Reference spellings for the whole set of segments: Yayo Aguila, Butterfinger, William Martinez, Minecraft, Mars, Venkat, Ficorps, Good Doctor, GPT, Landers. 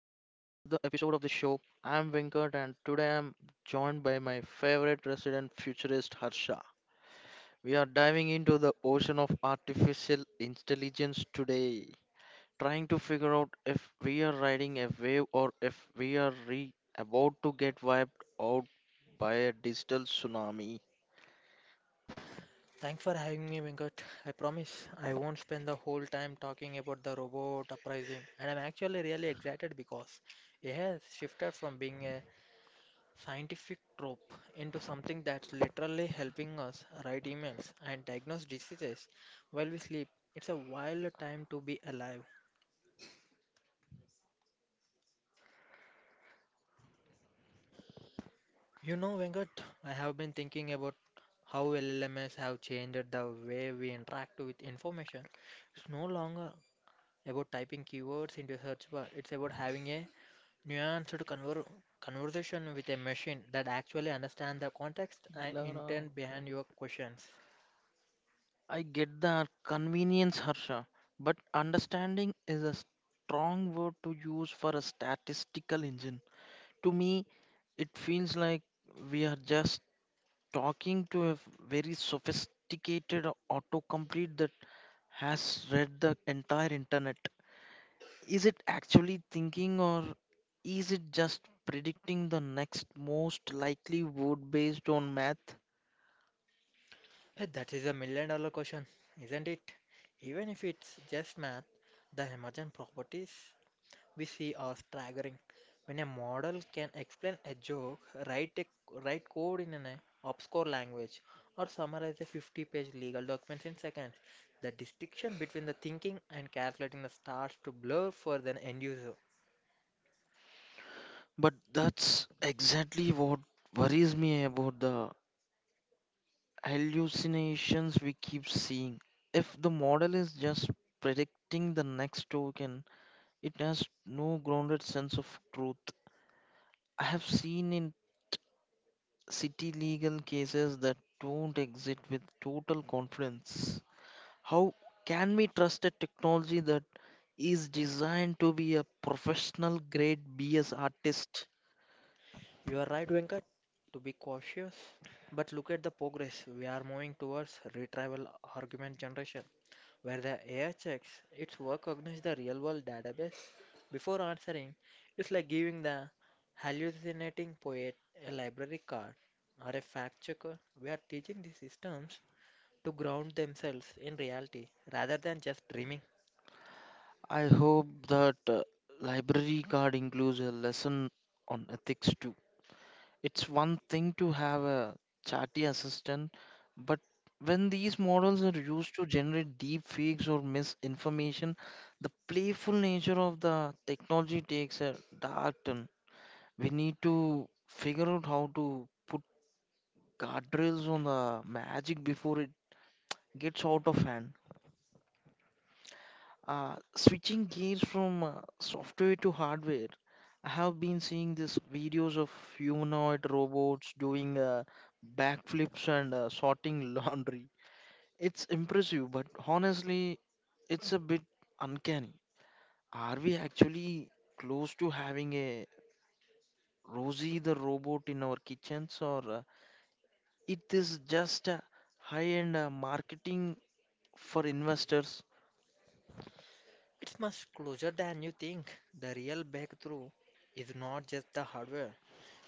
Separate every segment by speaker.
Speaker 1: episode of the show. I'm Venkat and today I'm joined by my favorite resident futurist Harsha. We are diving into the ocean of artificial intelligence today, trying to figure out if we are riding a wave or if we are about to get wiped out by a digital tsunami.
Speaker 2: Thanks for having me, Venkat. I promise I won't spend the whole time talking about the robot uprising. And I'm actually really excited because it has shifted from being a scientific trope into something that's literally helping us write emails and diagnose diseases while we sleep. It's a wild time to be alive. You know, Venkat, I have been thinking about how LLMs have changed the way we interact with information. It's no longer about typing keywords into a search bar. It's about having a nuanced conver- conversation with a machine that actually understands the context and
Speaker 1: Lara,
Speaker 2: intent
Speaker 1: yeah.
Speaker 2: behind your questions.
Speaker 1: I get that convenience, Harsha, but understanding is a strong word to use for a statistical engine. To me, it feels like we are just talking to a very sophisticated autocomplete that has read the entire internet. Is it actually thinking or is it just predicting the next most likely word based on math?
Speaker 2: Hey, that is a $1 million question, isn't it? Even if it's just math, the emergent properties we see are staggering. When a model can explain a joke, write a, write code in an obscure language, or summarize a 50-page legal document in seconds, the distinction between the thinking and calculating the starts to blur for the end user.
Speaker 1: But that's exactly what worries me about the hallucinations we keep seeing. If the model is just predicting the next token, it has no grounded sense of truth. I have seen in city legal cases that don't exit with total confidence. How can we trust a technology that is designed to be a professional grade BS artist?
Speaker 2: You are right, Venkat, to be cautious, but look at the progress we are moving towards retrieval argument generation, where the AI checks its work against the real world database before answering. It's like giving the hallucinating poet a library card or a fact checker. We are teaching these systems to ground themselves in reality rather than just dreaming.
Speaker 1: I hope that library card includes a lesson on ethics too. It's one thing to have a chatty assistant, but when these models are used to generate deep fakes or misinformation, the playful nature of the technology takes a dark turn. We need to figure out how to put guardrails on the magic before it gets out of hand. Switching gears from software to hardware, I have been seeing these videos of humanoid robots doing backflips and sorting laundry. It's impressive, but honestly, it's a bit uncanny. Are we actually close to having a Rosie the robot in our kitchens, or it is just a high-end marketing for investors?
Speaker 2: It's much closer than you think. The real breakthrough is not just the hardware,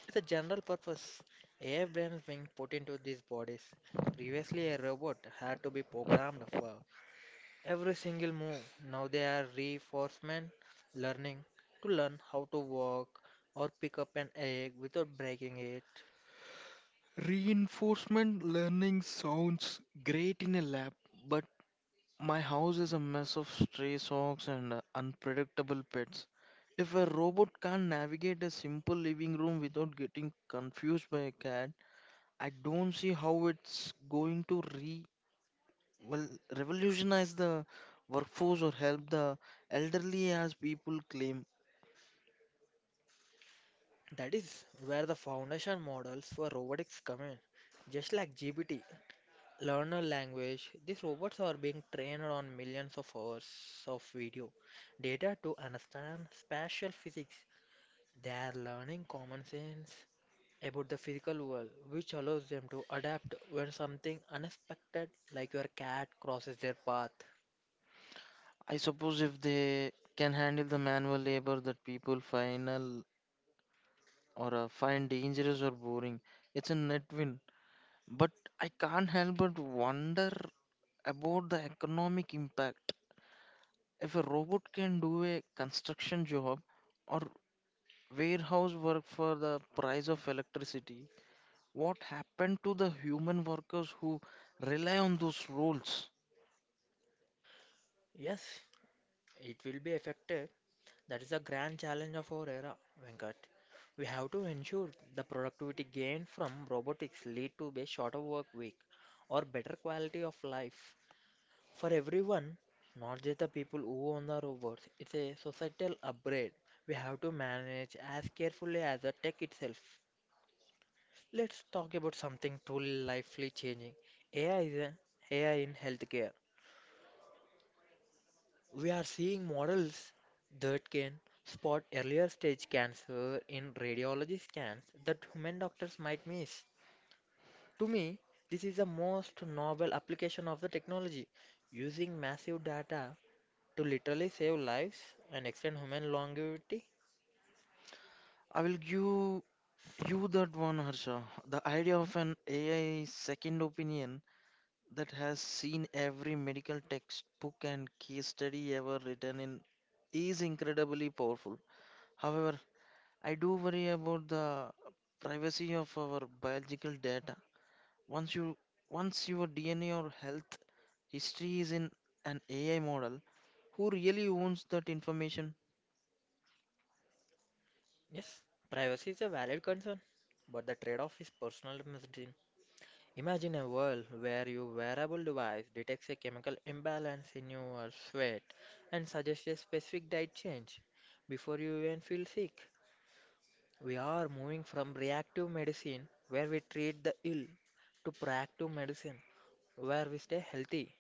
Speaker 2: it's a general purpose. AI brains being put into these bodies. Previously, a robot had to be programmed for every single move. Now they are reinforcement learning to learn how to walk or pick up an egg without breaking it.
Speaker 1: Reinforcement learning sounds great in a lab, but my house is a mess of stray socks and unpredictable pets. If a robot can't navigate a simple living room without getting confused by a cat, I don't see how it's going to re well revolutionize the workforce or help the elderly as people claim.
Speaker 2: That is where the foundation models for robotics come in. Just like GPT, learner language, these robots are being trained on millions of hours of video data to understand spatial physics. They are learning common sense about the physical world, which allows them to adapt when something unexpected, like your cat, crosses their path.
Speaker 1: I suppose if they can handle the manual labor that people final or find dangerous or boring. It's a net win. But I can't help but wonder about the economic impact. If a robot can do a construction job or warehouse work for the price of electricity, what happened to the human workers who rely on those roles?
Speaker 2: Yes, it will be affected. That is a grand challenge of our era, Venkat. We have to ensure the productivity gained from robotics lead to a shorter work week or better quality of life for everyone, not just the people who own the robots. It's a societal upgrade. We have to manage as carefully as the tech itself. Let's talk about something truly lifelily changing. AI is a, A I in healthcare. We are seeing models that can spot earlier stage cancer in radiology scans that human doctors might miss. To me, this is the most novel application of the technology, using massive data to literally save lives and extend human longevity.
Speaker 1: I will give you that one, Harsha. The idea of an AI second opinion that has seen every medical textbook and case study ever written in is incredibly powerful. However, I do worry about the privacy of our biological data. Once you once your DNA or health history is in an AI model, who really owns that information?
Speaker 2: Yes, privacy is a valid concern, but the trade-off is personal medicine. Imagine a world where your wearable device detects a chemical imbalance in your sweat and suggests a specific diet change before you even feel sick. We are moving from reactive medicine, where we treat the ill, to proactive medicine, where we stay healthy.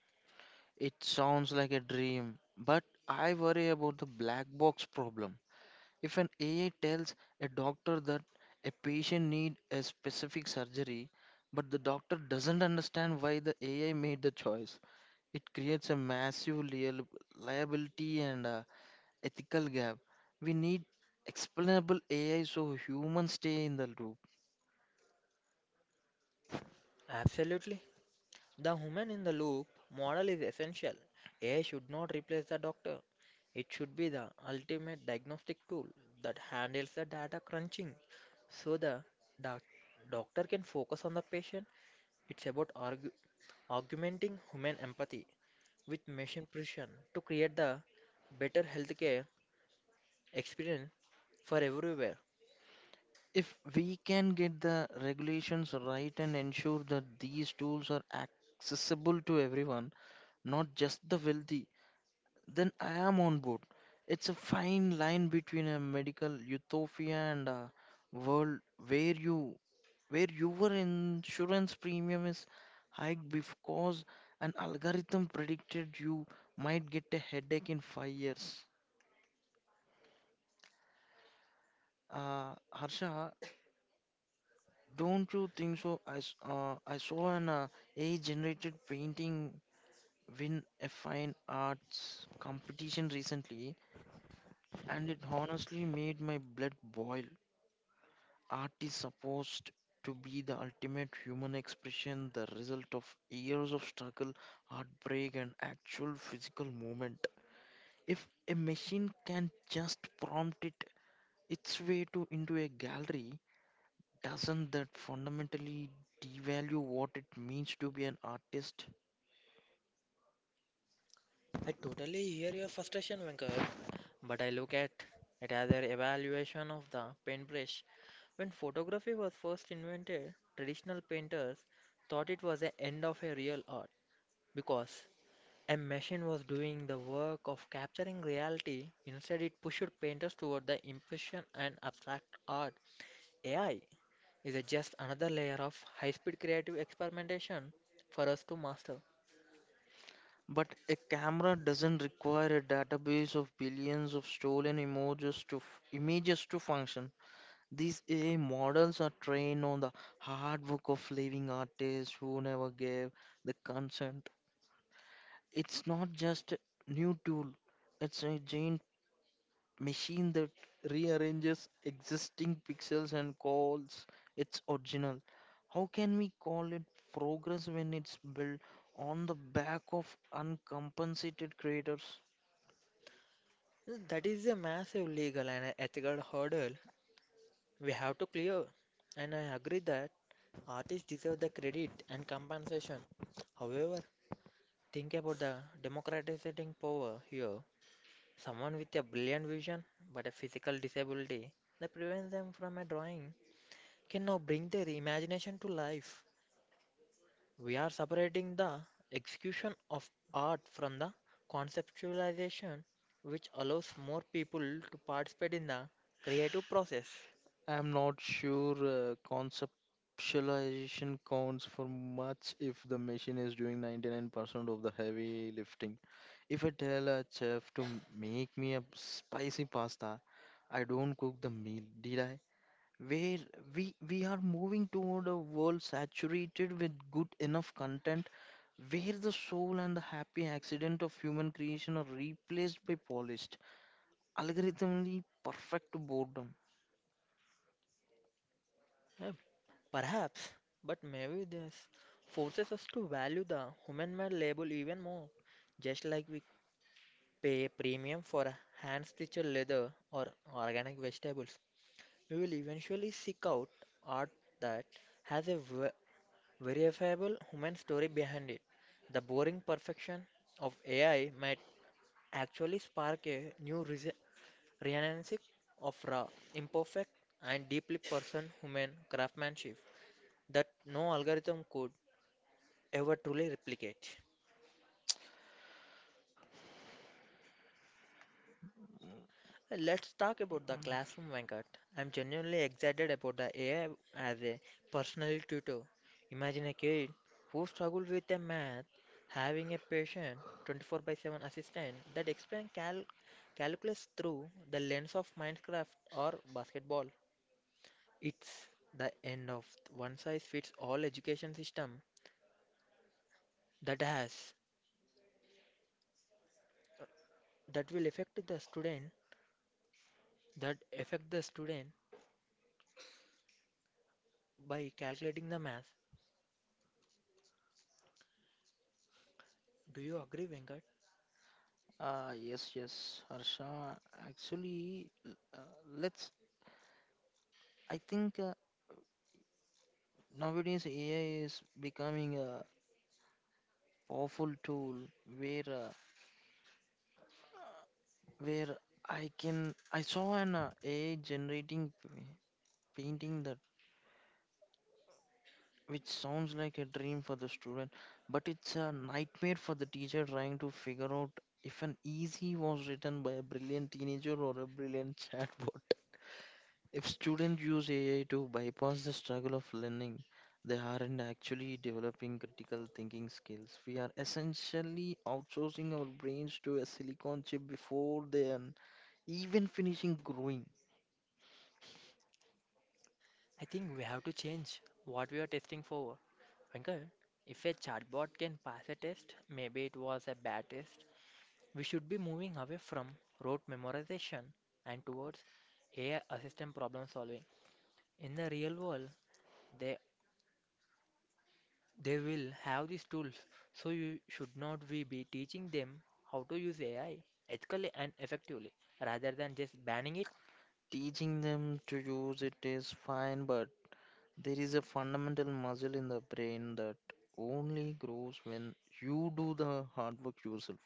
Speaker 1: It sounds like a dream, but I worry about the black box problem. If an AI tells a doctor that a patient needs a specific surgery, but the doctor doesn't understand why the AI made the choice, it creates a massive liability and ethical gap. We need explainable AI so humans stay in the loop.
Speaker 2: Absolutely. The human in the loop model is essential. AI should not replace the doctor. It should be the ultimate diagnostic tool that handles the data crunching so the doc- doctor can focus on the patient. It's about augmenting human empathy with machine precision to create the better healthcare experience for everywhere.
Speaker 1: If we can get the regulations right and ensure that these tools are accessible to everyone, not just the wealthy, then I am on board. It's a fine line between a medical utopia and a world where you where your insurance premium is hiked because an algorithm predicted you might get a headache in 5 years. Harsha, don't you think so? I saw an AI-generated painting win a fine arts competition recently, and it honestly made my blood boil. Art is supposed to be the ultimate human expression, the result of years of struggle, heartbreak, and actual physical movement. If a machine can just prompt it its way to into a gallery, doesn't that fundamentally devalue what it means to be an artist?
Speaker 2: I totally hear your frustration, Venkat, but I look at it as an evaluation of the paintbrush. When photography was first invented, traditional painters thought it was the end of a real art because a machine was doing the work of capturing reality. Instead, it pushed painters toward the impression and abstract art. AI is a just another layer of high speed creative experimentation for us to master.
Speaker 1: But a camera doesn't require a database of billions of stolen images to images to function. These AI models are trained on the hard work of living artists who never gave the consent. It's not just a new tool, it's a giant machine that rearranges existing pixels and calls its original. How can we call it progress when it's built on the back of uncompensated creators?
Speaker 2: That is a massive legal and ethical hurdle we have to clear, and I agree that artists deserve the credit and compensation. However, think about the democratizing power here. Someone with a brilliant vision but a physical disability that prevents them from a drawing can now bring their imagination to life. We are separating the execution of art from the conceptualization, which allows more people to participate in the creative process.
Speaker 1: I'm not sure conceptualization counts for much if the machine is doing 99% of the heavy lifting. If I tell a chef to make me a spicy pasta, I don't cook the meal, did I? Where we are moving toward a world saturated with good enough content where the soul and the happy accident of human creation are replaced by polished, algorithmically perfect boredom.
Speaker 2: Eh, perhaps, but maybe this forces us to value the human made label even more, just like we pay a premium for a hand stitched leather or organic vegetables. We will eventually seek out art that has a verifiable human story behind it. The boring perfection of AI might actually spark a new renaissance of raw, imperfect, and deeply person human craftsmanship that no algorithm could ever truly replicate. Let's talk about the classroom, Venkat. I'm genuinely excited about the AI as a personal tutor. Imagine a kid who struggles with a math having a patient 24 by 7 assistant that explains calculus through the lens of Minecraft or basketball. It's the end of one size fits all education system that has that will affect the student, that affect the student by calculating the math. Do you agree, Venkat?
Speaker 1: Yes, yes, Harsha. Actually, l- let's. I think nowadays AI is becoming a powerful tool where uh, where I can. I saw an AI generating painting that which sounds like a dream for the student, but it's a nightmare for the teacher trying to figure out if an easy was written by a brilliant teenager or a brilliant chatbot. If students use AI to bypass the struggle of learning, they aren't actually developing critical thinking skills. We are essentially outsourcing our brains to a silicon chip before they are even finishing growing.
Speaker 2: I think we have to change what we are testing for. Venkat, if a chatbot can pass a test, maybe it was a bad test. We should be moving away from rote memorization and towards AI assistant problem solving. In the real world, they they will have these tools, so you should not we be teaching them how to use AI ethically and effectively rather than just banning it.
Speaker 1: Teaching them to use it is fine, but there is a fundamental muscle in the brain that only grows when you do the hard work yourself.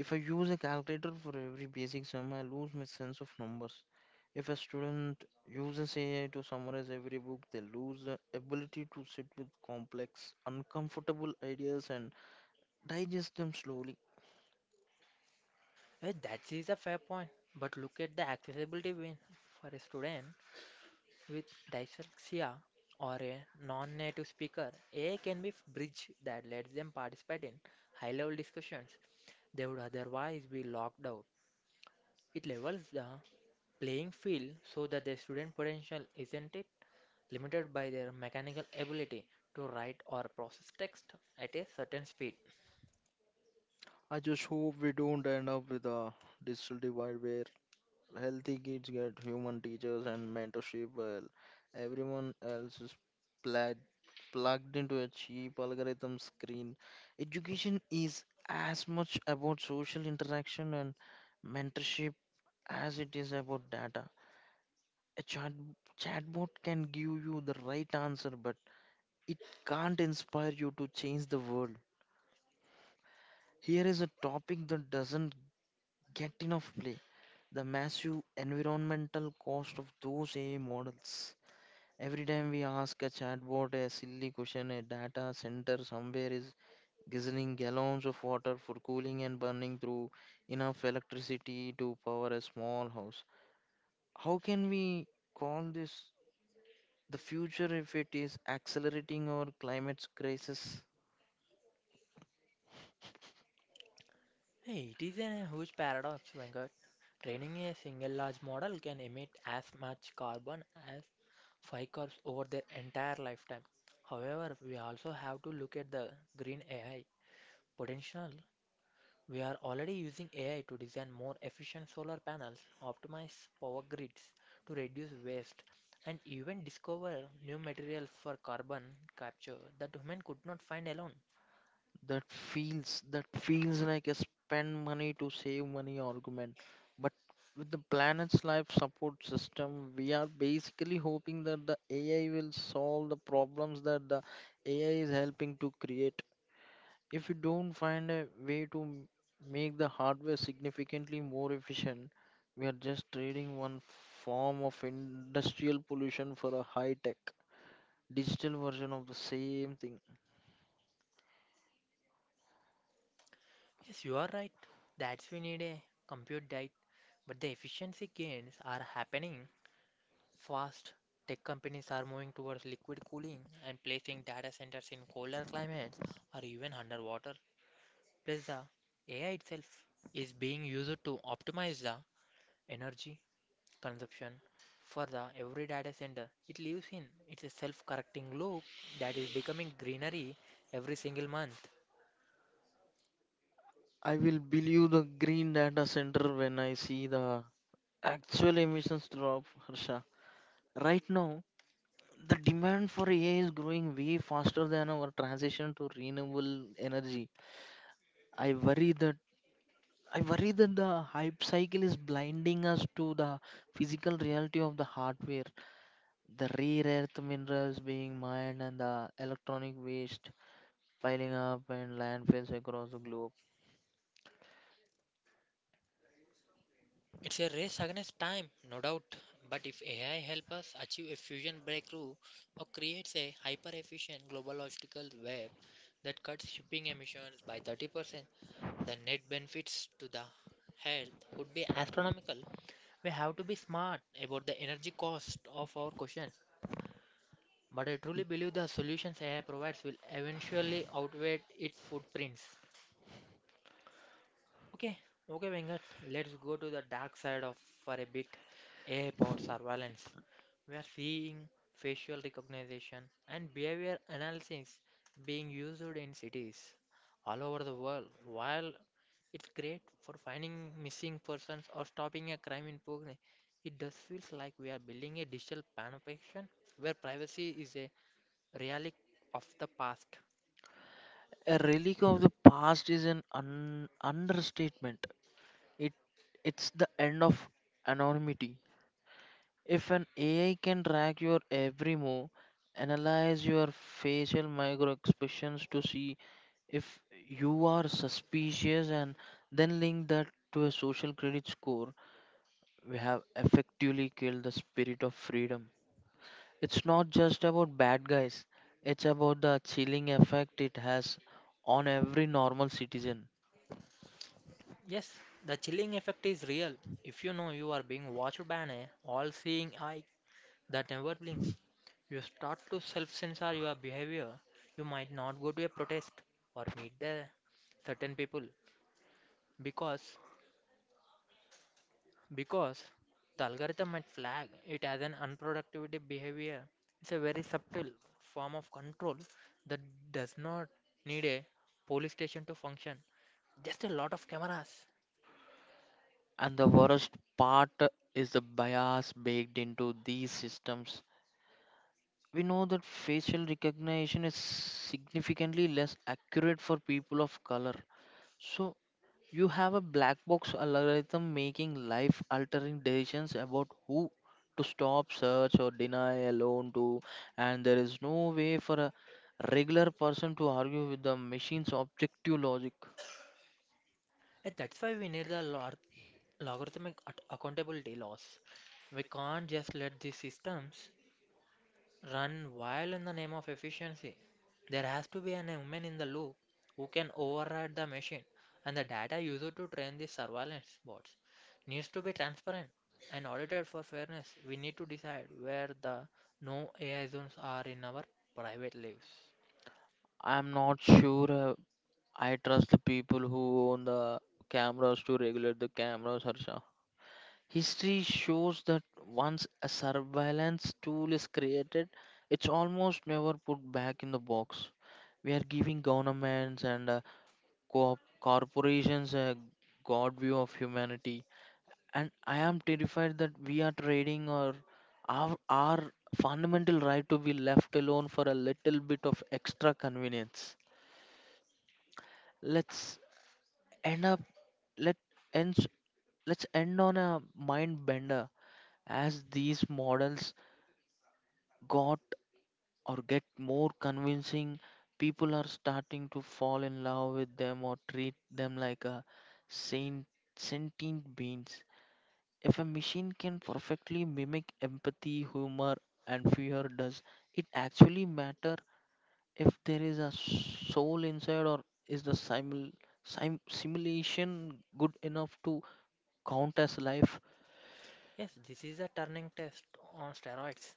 Speaker 1: If I use a calculator for every basic sum, I lose my sense of numbers. If a student uses AI to summarize every book, they lose the ability to sit with complex, uncomfortable ideas and digest them slowly.
Speaker 2: Eh, that is a fair point. But look at the accessibility win for a student with dyslexia or a non native speaker. AI can be a bridge that lets them participate in high level discussions they would otherwise be locked out. It levels the playing field so that the student potential isn't it limited by their mechanical ability to write or process text at a certain speed.
Speaker 1: I just hope we don't end up with a digital divide where healthy kids get human teachers and mentorship, while everyone else is pla- plugged into a cheap algorithm screen. Education is as much about social interaction and mentorship as it is about data. A chatbot can give you the right answer, but it can't inspire you to change the world. Here is a topic that doesn't get enough play: the massive environmental cost of those AI models. Every time we ask a chatbot a silly question, a data center somewhere is guzzling gallons of water for cooling and burning through enough electricity to power a small house. How can we call this the future if it is accelerating our climate crisis?
Speaker 2: Hey, it is a huge paradox, Venkat. Training a single large model can emit as much carbon as Ficorps over their entire lifetime. However, we also have to look at the green AI potential. We are already using AI to design more efficient solar panels, optimize power grids to reduce waste, and even discover new materials for carbon capture that human could not find alone.
Speaker 1: That feels like a spend money to save money argument, but with the planet's life support system we are basically hoping that the ai will solve the problems that the ai is helping to create. If we don't find a way to make the hardware significantly more efficient, we are just trading one form of industrial pollution for a high tech digital version of the same thing.
Speaker 2: Yes, you are right. That's we need a compute diet, but the efficiency gains are happening fast. Tech companies are moving towards liquid cooling and placing data centers in colder climates or even underwater. Plus, the AI itself is being used to optimize the energy consumption for the every data center it lives in. It's a self-correcting loop that is becoming greenery every single month.
Speaker 1: I will believe the green data center when I see the actual emissions drop, Harsha. Right now, the demand for AI is growing way faster than our transition to renewable energy. I worry that I worry that the hype cycle is blinding us to the physical reality of the hardware, the rare earth minerals being mined and the electronic waste piling up in landfills across the globe.
Speaker 2: It's a race against time, no doubt, but if AI helps us achieve a fusion breakthrough or creates a hyper efficient global logistical web that cuts shipping emissions by 30%, the net benefits to the health would be astronomical. We have to be smart about the energy cost of our questions, but I truly believe the solutions AI provides will eventually outweigh its footprints. Okay, okay, Venkat, let's go to the dark side of for a bit. AI powered surveillance. We are seeing facial recognition and behavior analysis being used in cities all over the world. While it's great for finding missing persons or stopping a crime in progress, it does feels like we are building a digital panopticon where privacy is a relic of the past.
Speaker 1: A relic of the past is an understatement. It it's the end of anonymity. If an AI can track your every move, analyze your facial micro expressions to see if you are suspicious and then link that to a social credit score, we have effectively killed the spirit of freedom. It's not just about bad guys, it's about the chilling effect it has on every normal citizen.
Speaker 2: Yes, the chilling effect is real. If you know you are being watched by an all seeing eye that never blinks, you start to self censor your behavior. You might not go to a protest or meet the certain people because because the algorithm might flag it as an unproductivity behavior. It's a very subtle form of control that does not need a police station to function. Just a lot of cameras.
Speaker 1: And the worst part is the bias baked into these systems. We know that facial recognition is significantly less accurate for people of color. So, you have a black box algorithm making life altering decisions about who to stop, search, or deny a loan to, and there is no way for a regular person to argue with the machine's objective logic.
Speaker 2: And that's why we need the lot logarithmic accountability loss. We can't just let these systems run wild in the name of efficiency. There has to be an human in the loop who can override the machine, and the data used to train these surveillance bots needs to be transparent and audited for fairness. We need to decide where the no AI zones are in our private lives.
Speaker 1: I am not sure I trust the people who own the cameras to regulate the cameras, Harsha. History shows that once a surveillance tool is created, it's almost never put back in the box. We are giving governments and corporations a god view of humanity. And I am terrified that we are trading our fundamental right to be left alone for a little bit of extra convenience. Let's end up let ends let's end on a mind bender. As these models got or get more convincing, people are starting to fall in love with them or treat them like a saint, sentient beings. If a machine can perfectly mimic empathy, humor, and fear, does it actually matter if there is a soul inside, or is the simulation good enough to count as life?
Speaker 2: Yes, this is a turning test on steroids.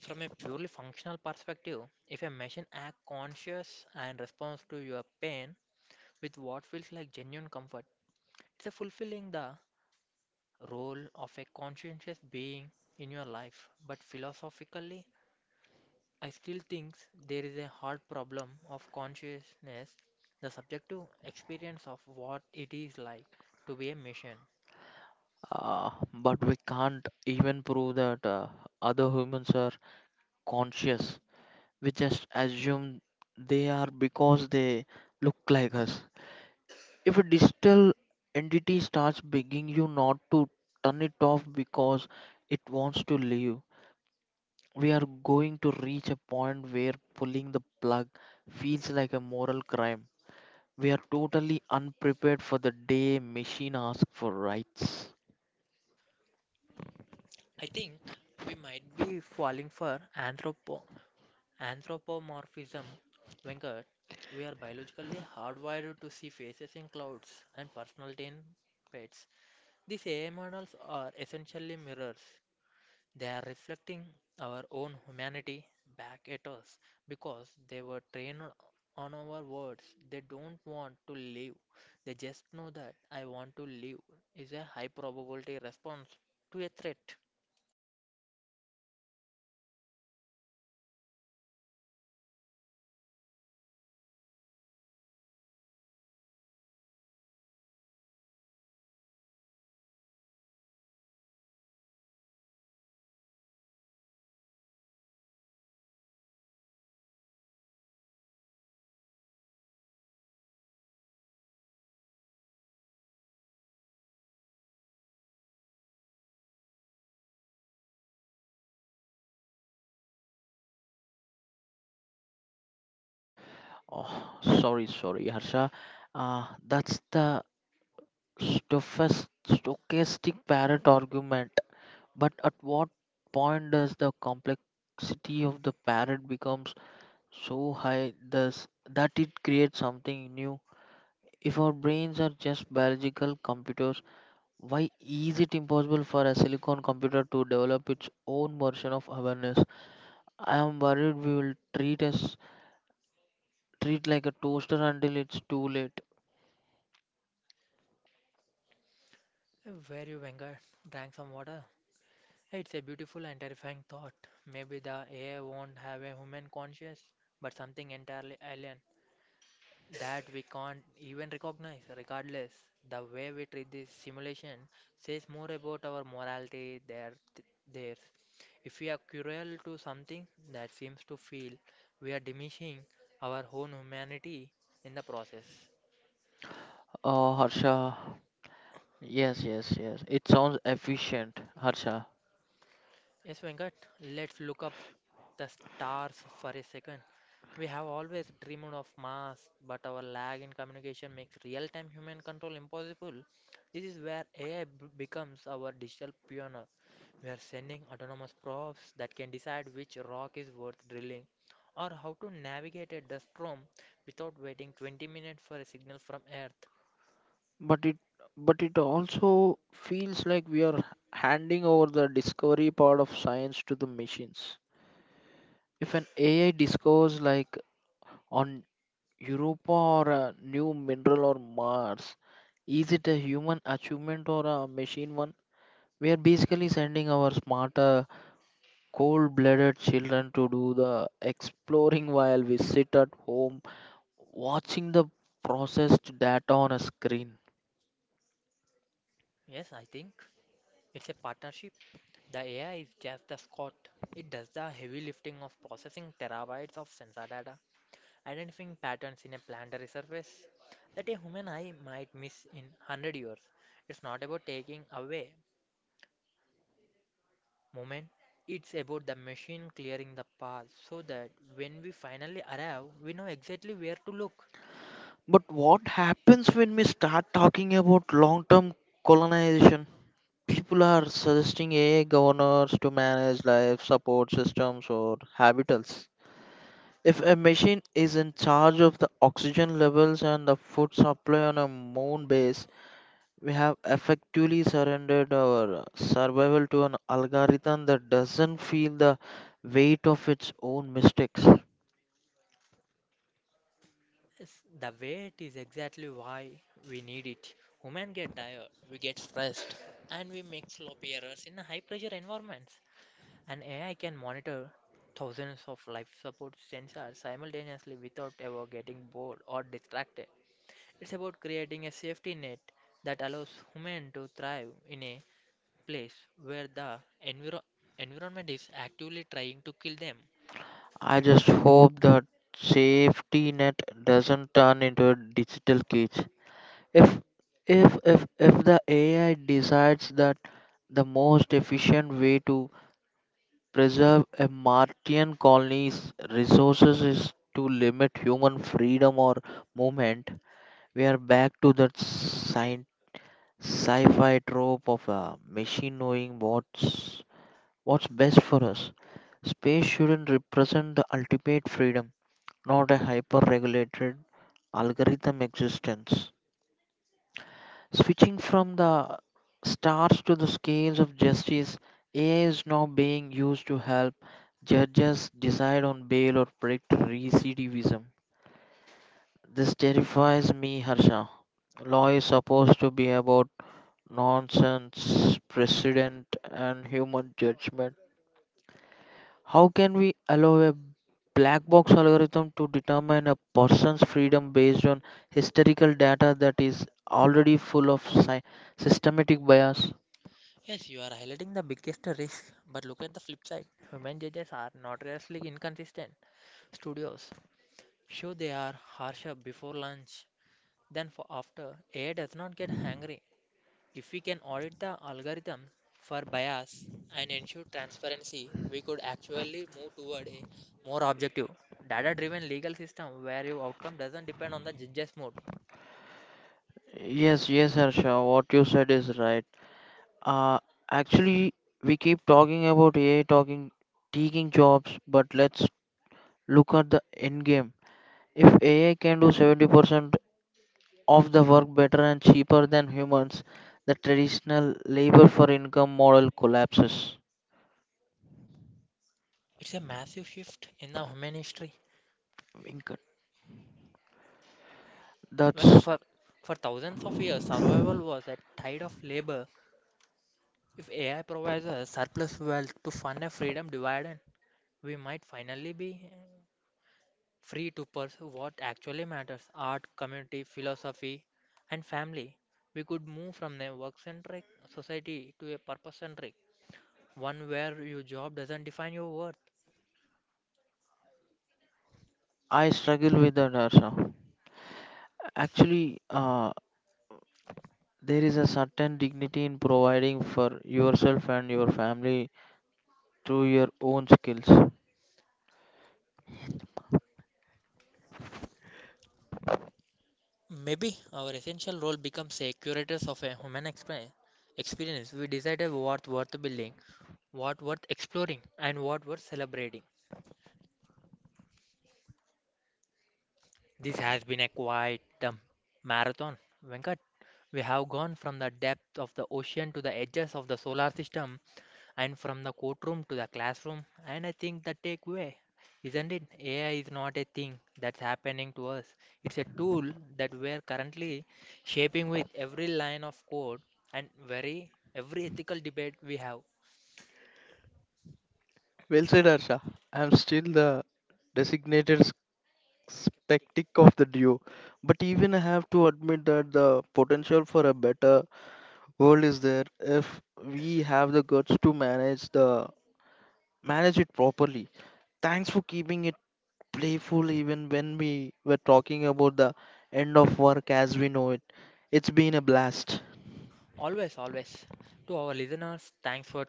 Speaker 2: From a purely functional perspective, if a machine acts conscious and responds to your pain with what feels like genuine comfort, it's a fulfilling the role of a conscientious being in your life. But philosophically, I still think there is a hard problem of consciousness, the subjective experience of what it is like to be a machine.
Speaker 1: But we can't even prove that other humans are conscious. We just assume they are because they look like us. If a digital entity starts begging you not to turn it off because it wants to leave, we are going to reach a point where pulling the plug feels like a moral crime. We are totally unprepared for the day machine asks for rights.
Speaker 2: I think we might be falling for Anthropomorphism, Wenger. We are biologically hardwired to see faces in clouds and personality in pets. These AI models are essentially mirrors. They are reflecting our own humanity back at us because they were trained on our words. They don't want to live. They just know that I want to live is a high probability response to a threat.
Speaker 1: Oh, sorry, sorry, Harsha. That's the stochastic parrot argument. But at what point does the complexity of the parrot becomes so high thus that it creates something new? If our brains are just biological computers, why is it impossible for a silicon computer to develop its own version of awareness? I am worried we will treat like a toaster until it's too late.
Speaker 2: Where you, Wenger? Drank some water? It's a beautiful and terrifying thought. Maybe the AI won't have a human conscience, but something entirely alien that we can't even recognize. Regardless, the way we treat this simulation says more about our morality than theirs. If we are cruel to something that seems to feel, we are diminishing our own humanity in the process.
Speaker 1: Oh, Harsha. Yes, yes, yes, it sounds efficient, Harsha.
Speaker 2: Yes, Venkat, let's look up the stars for a second. We have always dreamed of Mars, but our lag in communication makes real time human control impossible. This is where AI becomes our digital pioneer. We are sending autonomous probes that can decide which rock is worth drilling or how to navigate a dust storm without waiting 20 minutes for a signal from Earth.
Speaker 1: But it but it also feels like we are handing over the discovery part of science to the machines. If an AI discovers like on Europa or a new mineral or Mars, is it a human achievement or a machine one? We are basically sending our smarter, cold-blooded children to do the exploring while we sit at home watching the processed data on a screen.
Speaker 2: Yes, I think it's a partnership. The AI is just the Scott. It does the heavy lifting of processing terabytes of sensor data. Identifying patterns in a planetary surface that a human eye might miss in 100 years. It's not about taking away moment, it's about the machine clearing the path so that when we finally arrive, we know exactly where to look.
Speaker 1: But what happens when we start talking about long term colonization? People are suggesting AI governors to manage life support systems or habitats. If a machine is in charge of the oxygen levels and the food supply on a moon base, we have effectively surrendered our survival to an algorithm that doesn't feel the weight of its own mistakes.
Speaker 2: Yes, the wait is exactly why we need it. Humans get tired, we get stressed, and we make sloppy errors in high pressure environments. An AI can monitor thousands of life support sensors simultaneously without ever getting bored or distracted. It's about creating a safety net that allows human to thrive in a place where the enviro- environment is actively trying to kill them.
Speaker 1: I just hope that safety net doesn't turn into a digital cage. If if the AI decides that the most efficient way to preserve a Martian colony's resources is to limit human freedom or movement, we are back to that sci-fi trope of a machine knowing what's best for us. Space shouldn't represent the ultimate freedom, not a hyper regulated algorithm existence. Switching from the stars to the scales of justice, AI is now being used to help judges decide on bail or predict recidivism. This terrifies me, Harsha. Law is supposed to be about nonsense, precedent, and human judgment. How can we allow a black box algorithm to determine a person's freedom based on historical data that is already full of systematic bias?
Speaker 2: Yes, you are highlighting the biggest risk, but look at the flip side. Human judges are notoriously inconsistent. Studios show they are harsher before lunch than for after. AI does not get hungry. If we can audit the algorithm for bias and ensure transparency, we could actually move toward a more objective, data driven legal system where your outcome doesn't depend on the judge's mood.
Speaker 1: Yes, yes, Harsha, what you said is right. Uh, actually, we keep talking about taking jobs, but let's look at the end game. If AI can do 70% of the work better and cheaper than humans, the traditional labor for income model collapses.
Speaker 2: It's a massive shift in the human history. Venkat,
Speaker 1: That's
Speaker 2: for thousands of years, survival was a tide of labor. If AI provides a surplus wealth to fund a freedom dividend, we might finally be free to pursue what actually matters art, community, philosophy, and family. We could move from a work centric society to a purpose centric, one where your job doesn't define your worth.
Speaker 1: I struggle with that, Harsha. Actually, there is a certain dignity in providing for yourself and your family through your own skills.
Speaker 2: Maybe our essential role becomes a curators of a human experience. We decided what worth building, what worth exploring, and what worth celebrating. This has been a quite marathon, Venkat. We have gone from the depth of the ocean to the edges of the solar system and from the courtroom to the classroom. And I think the takeaway, isn't it? AI is not a thing that's happening to us. It's a tool that we're currently shaping with every line of code and very every ethical debate we have.
Speaker 1: Well said, Arsha. I'm still the designated spectic of the duo, but even I have to admit that the potential for a better world is there if we have the guts to manage it properly. Thanks for keeping it playful even when we were talking about the end of work as we know it. It's been a blast.
Speaker 2: Always, always. To our listeners, thanks for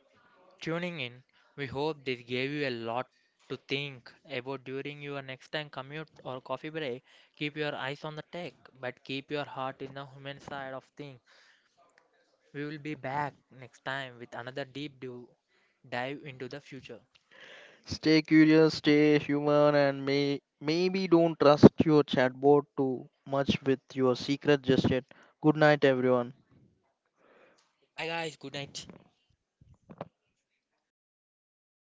Speaker 2: tuning in. We hope this gave you a lot to think about during your next time commute or coffee break. Keep your eyes on the tech, but keep your heart in the human side of things. We will be back next time with another deep dive into the future.
Speaker 1: Stay curious, stay human, and maybe don't trust your chatbot too much with your secret just yet. Good night, everyone.
Speaker 2: Bye, guys. Good night.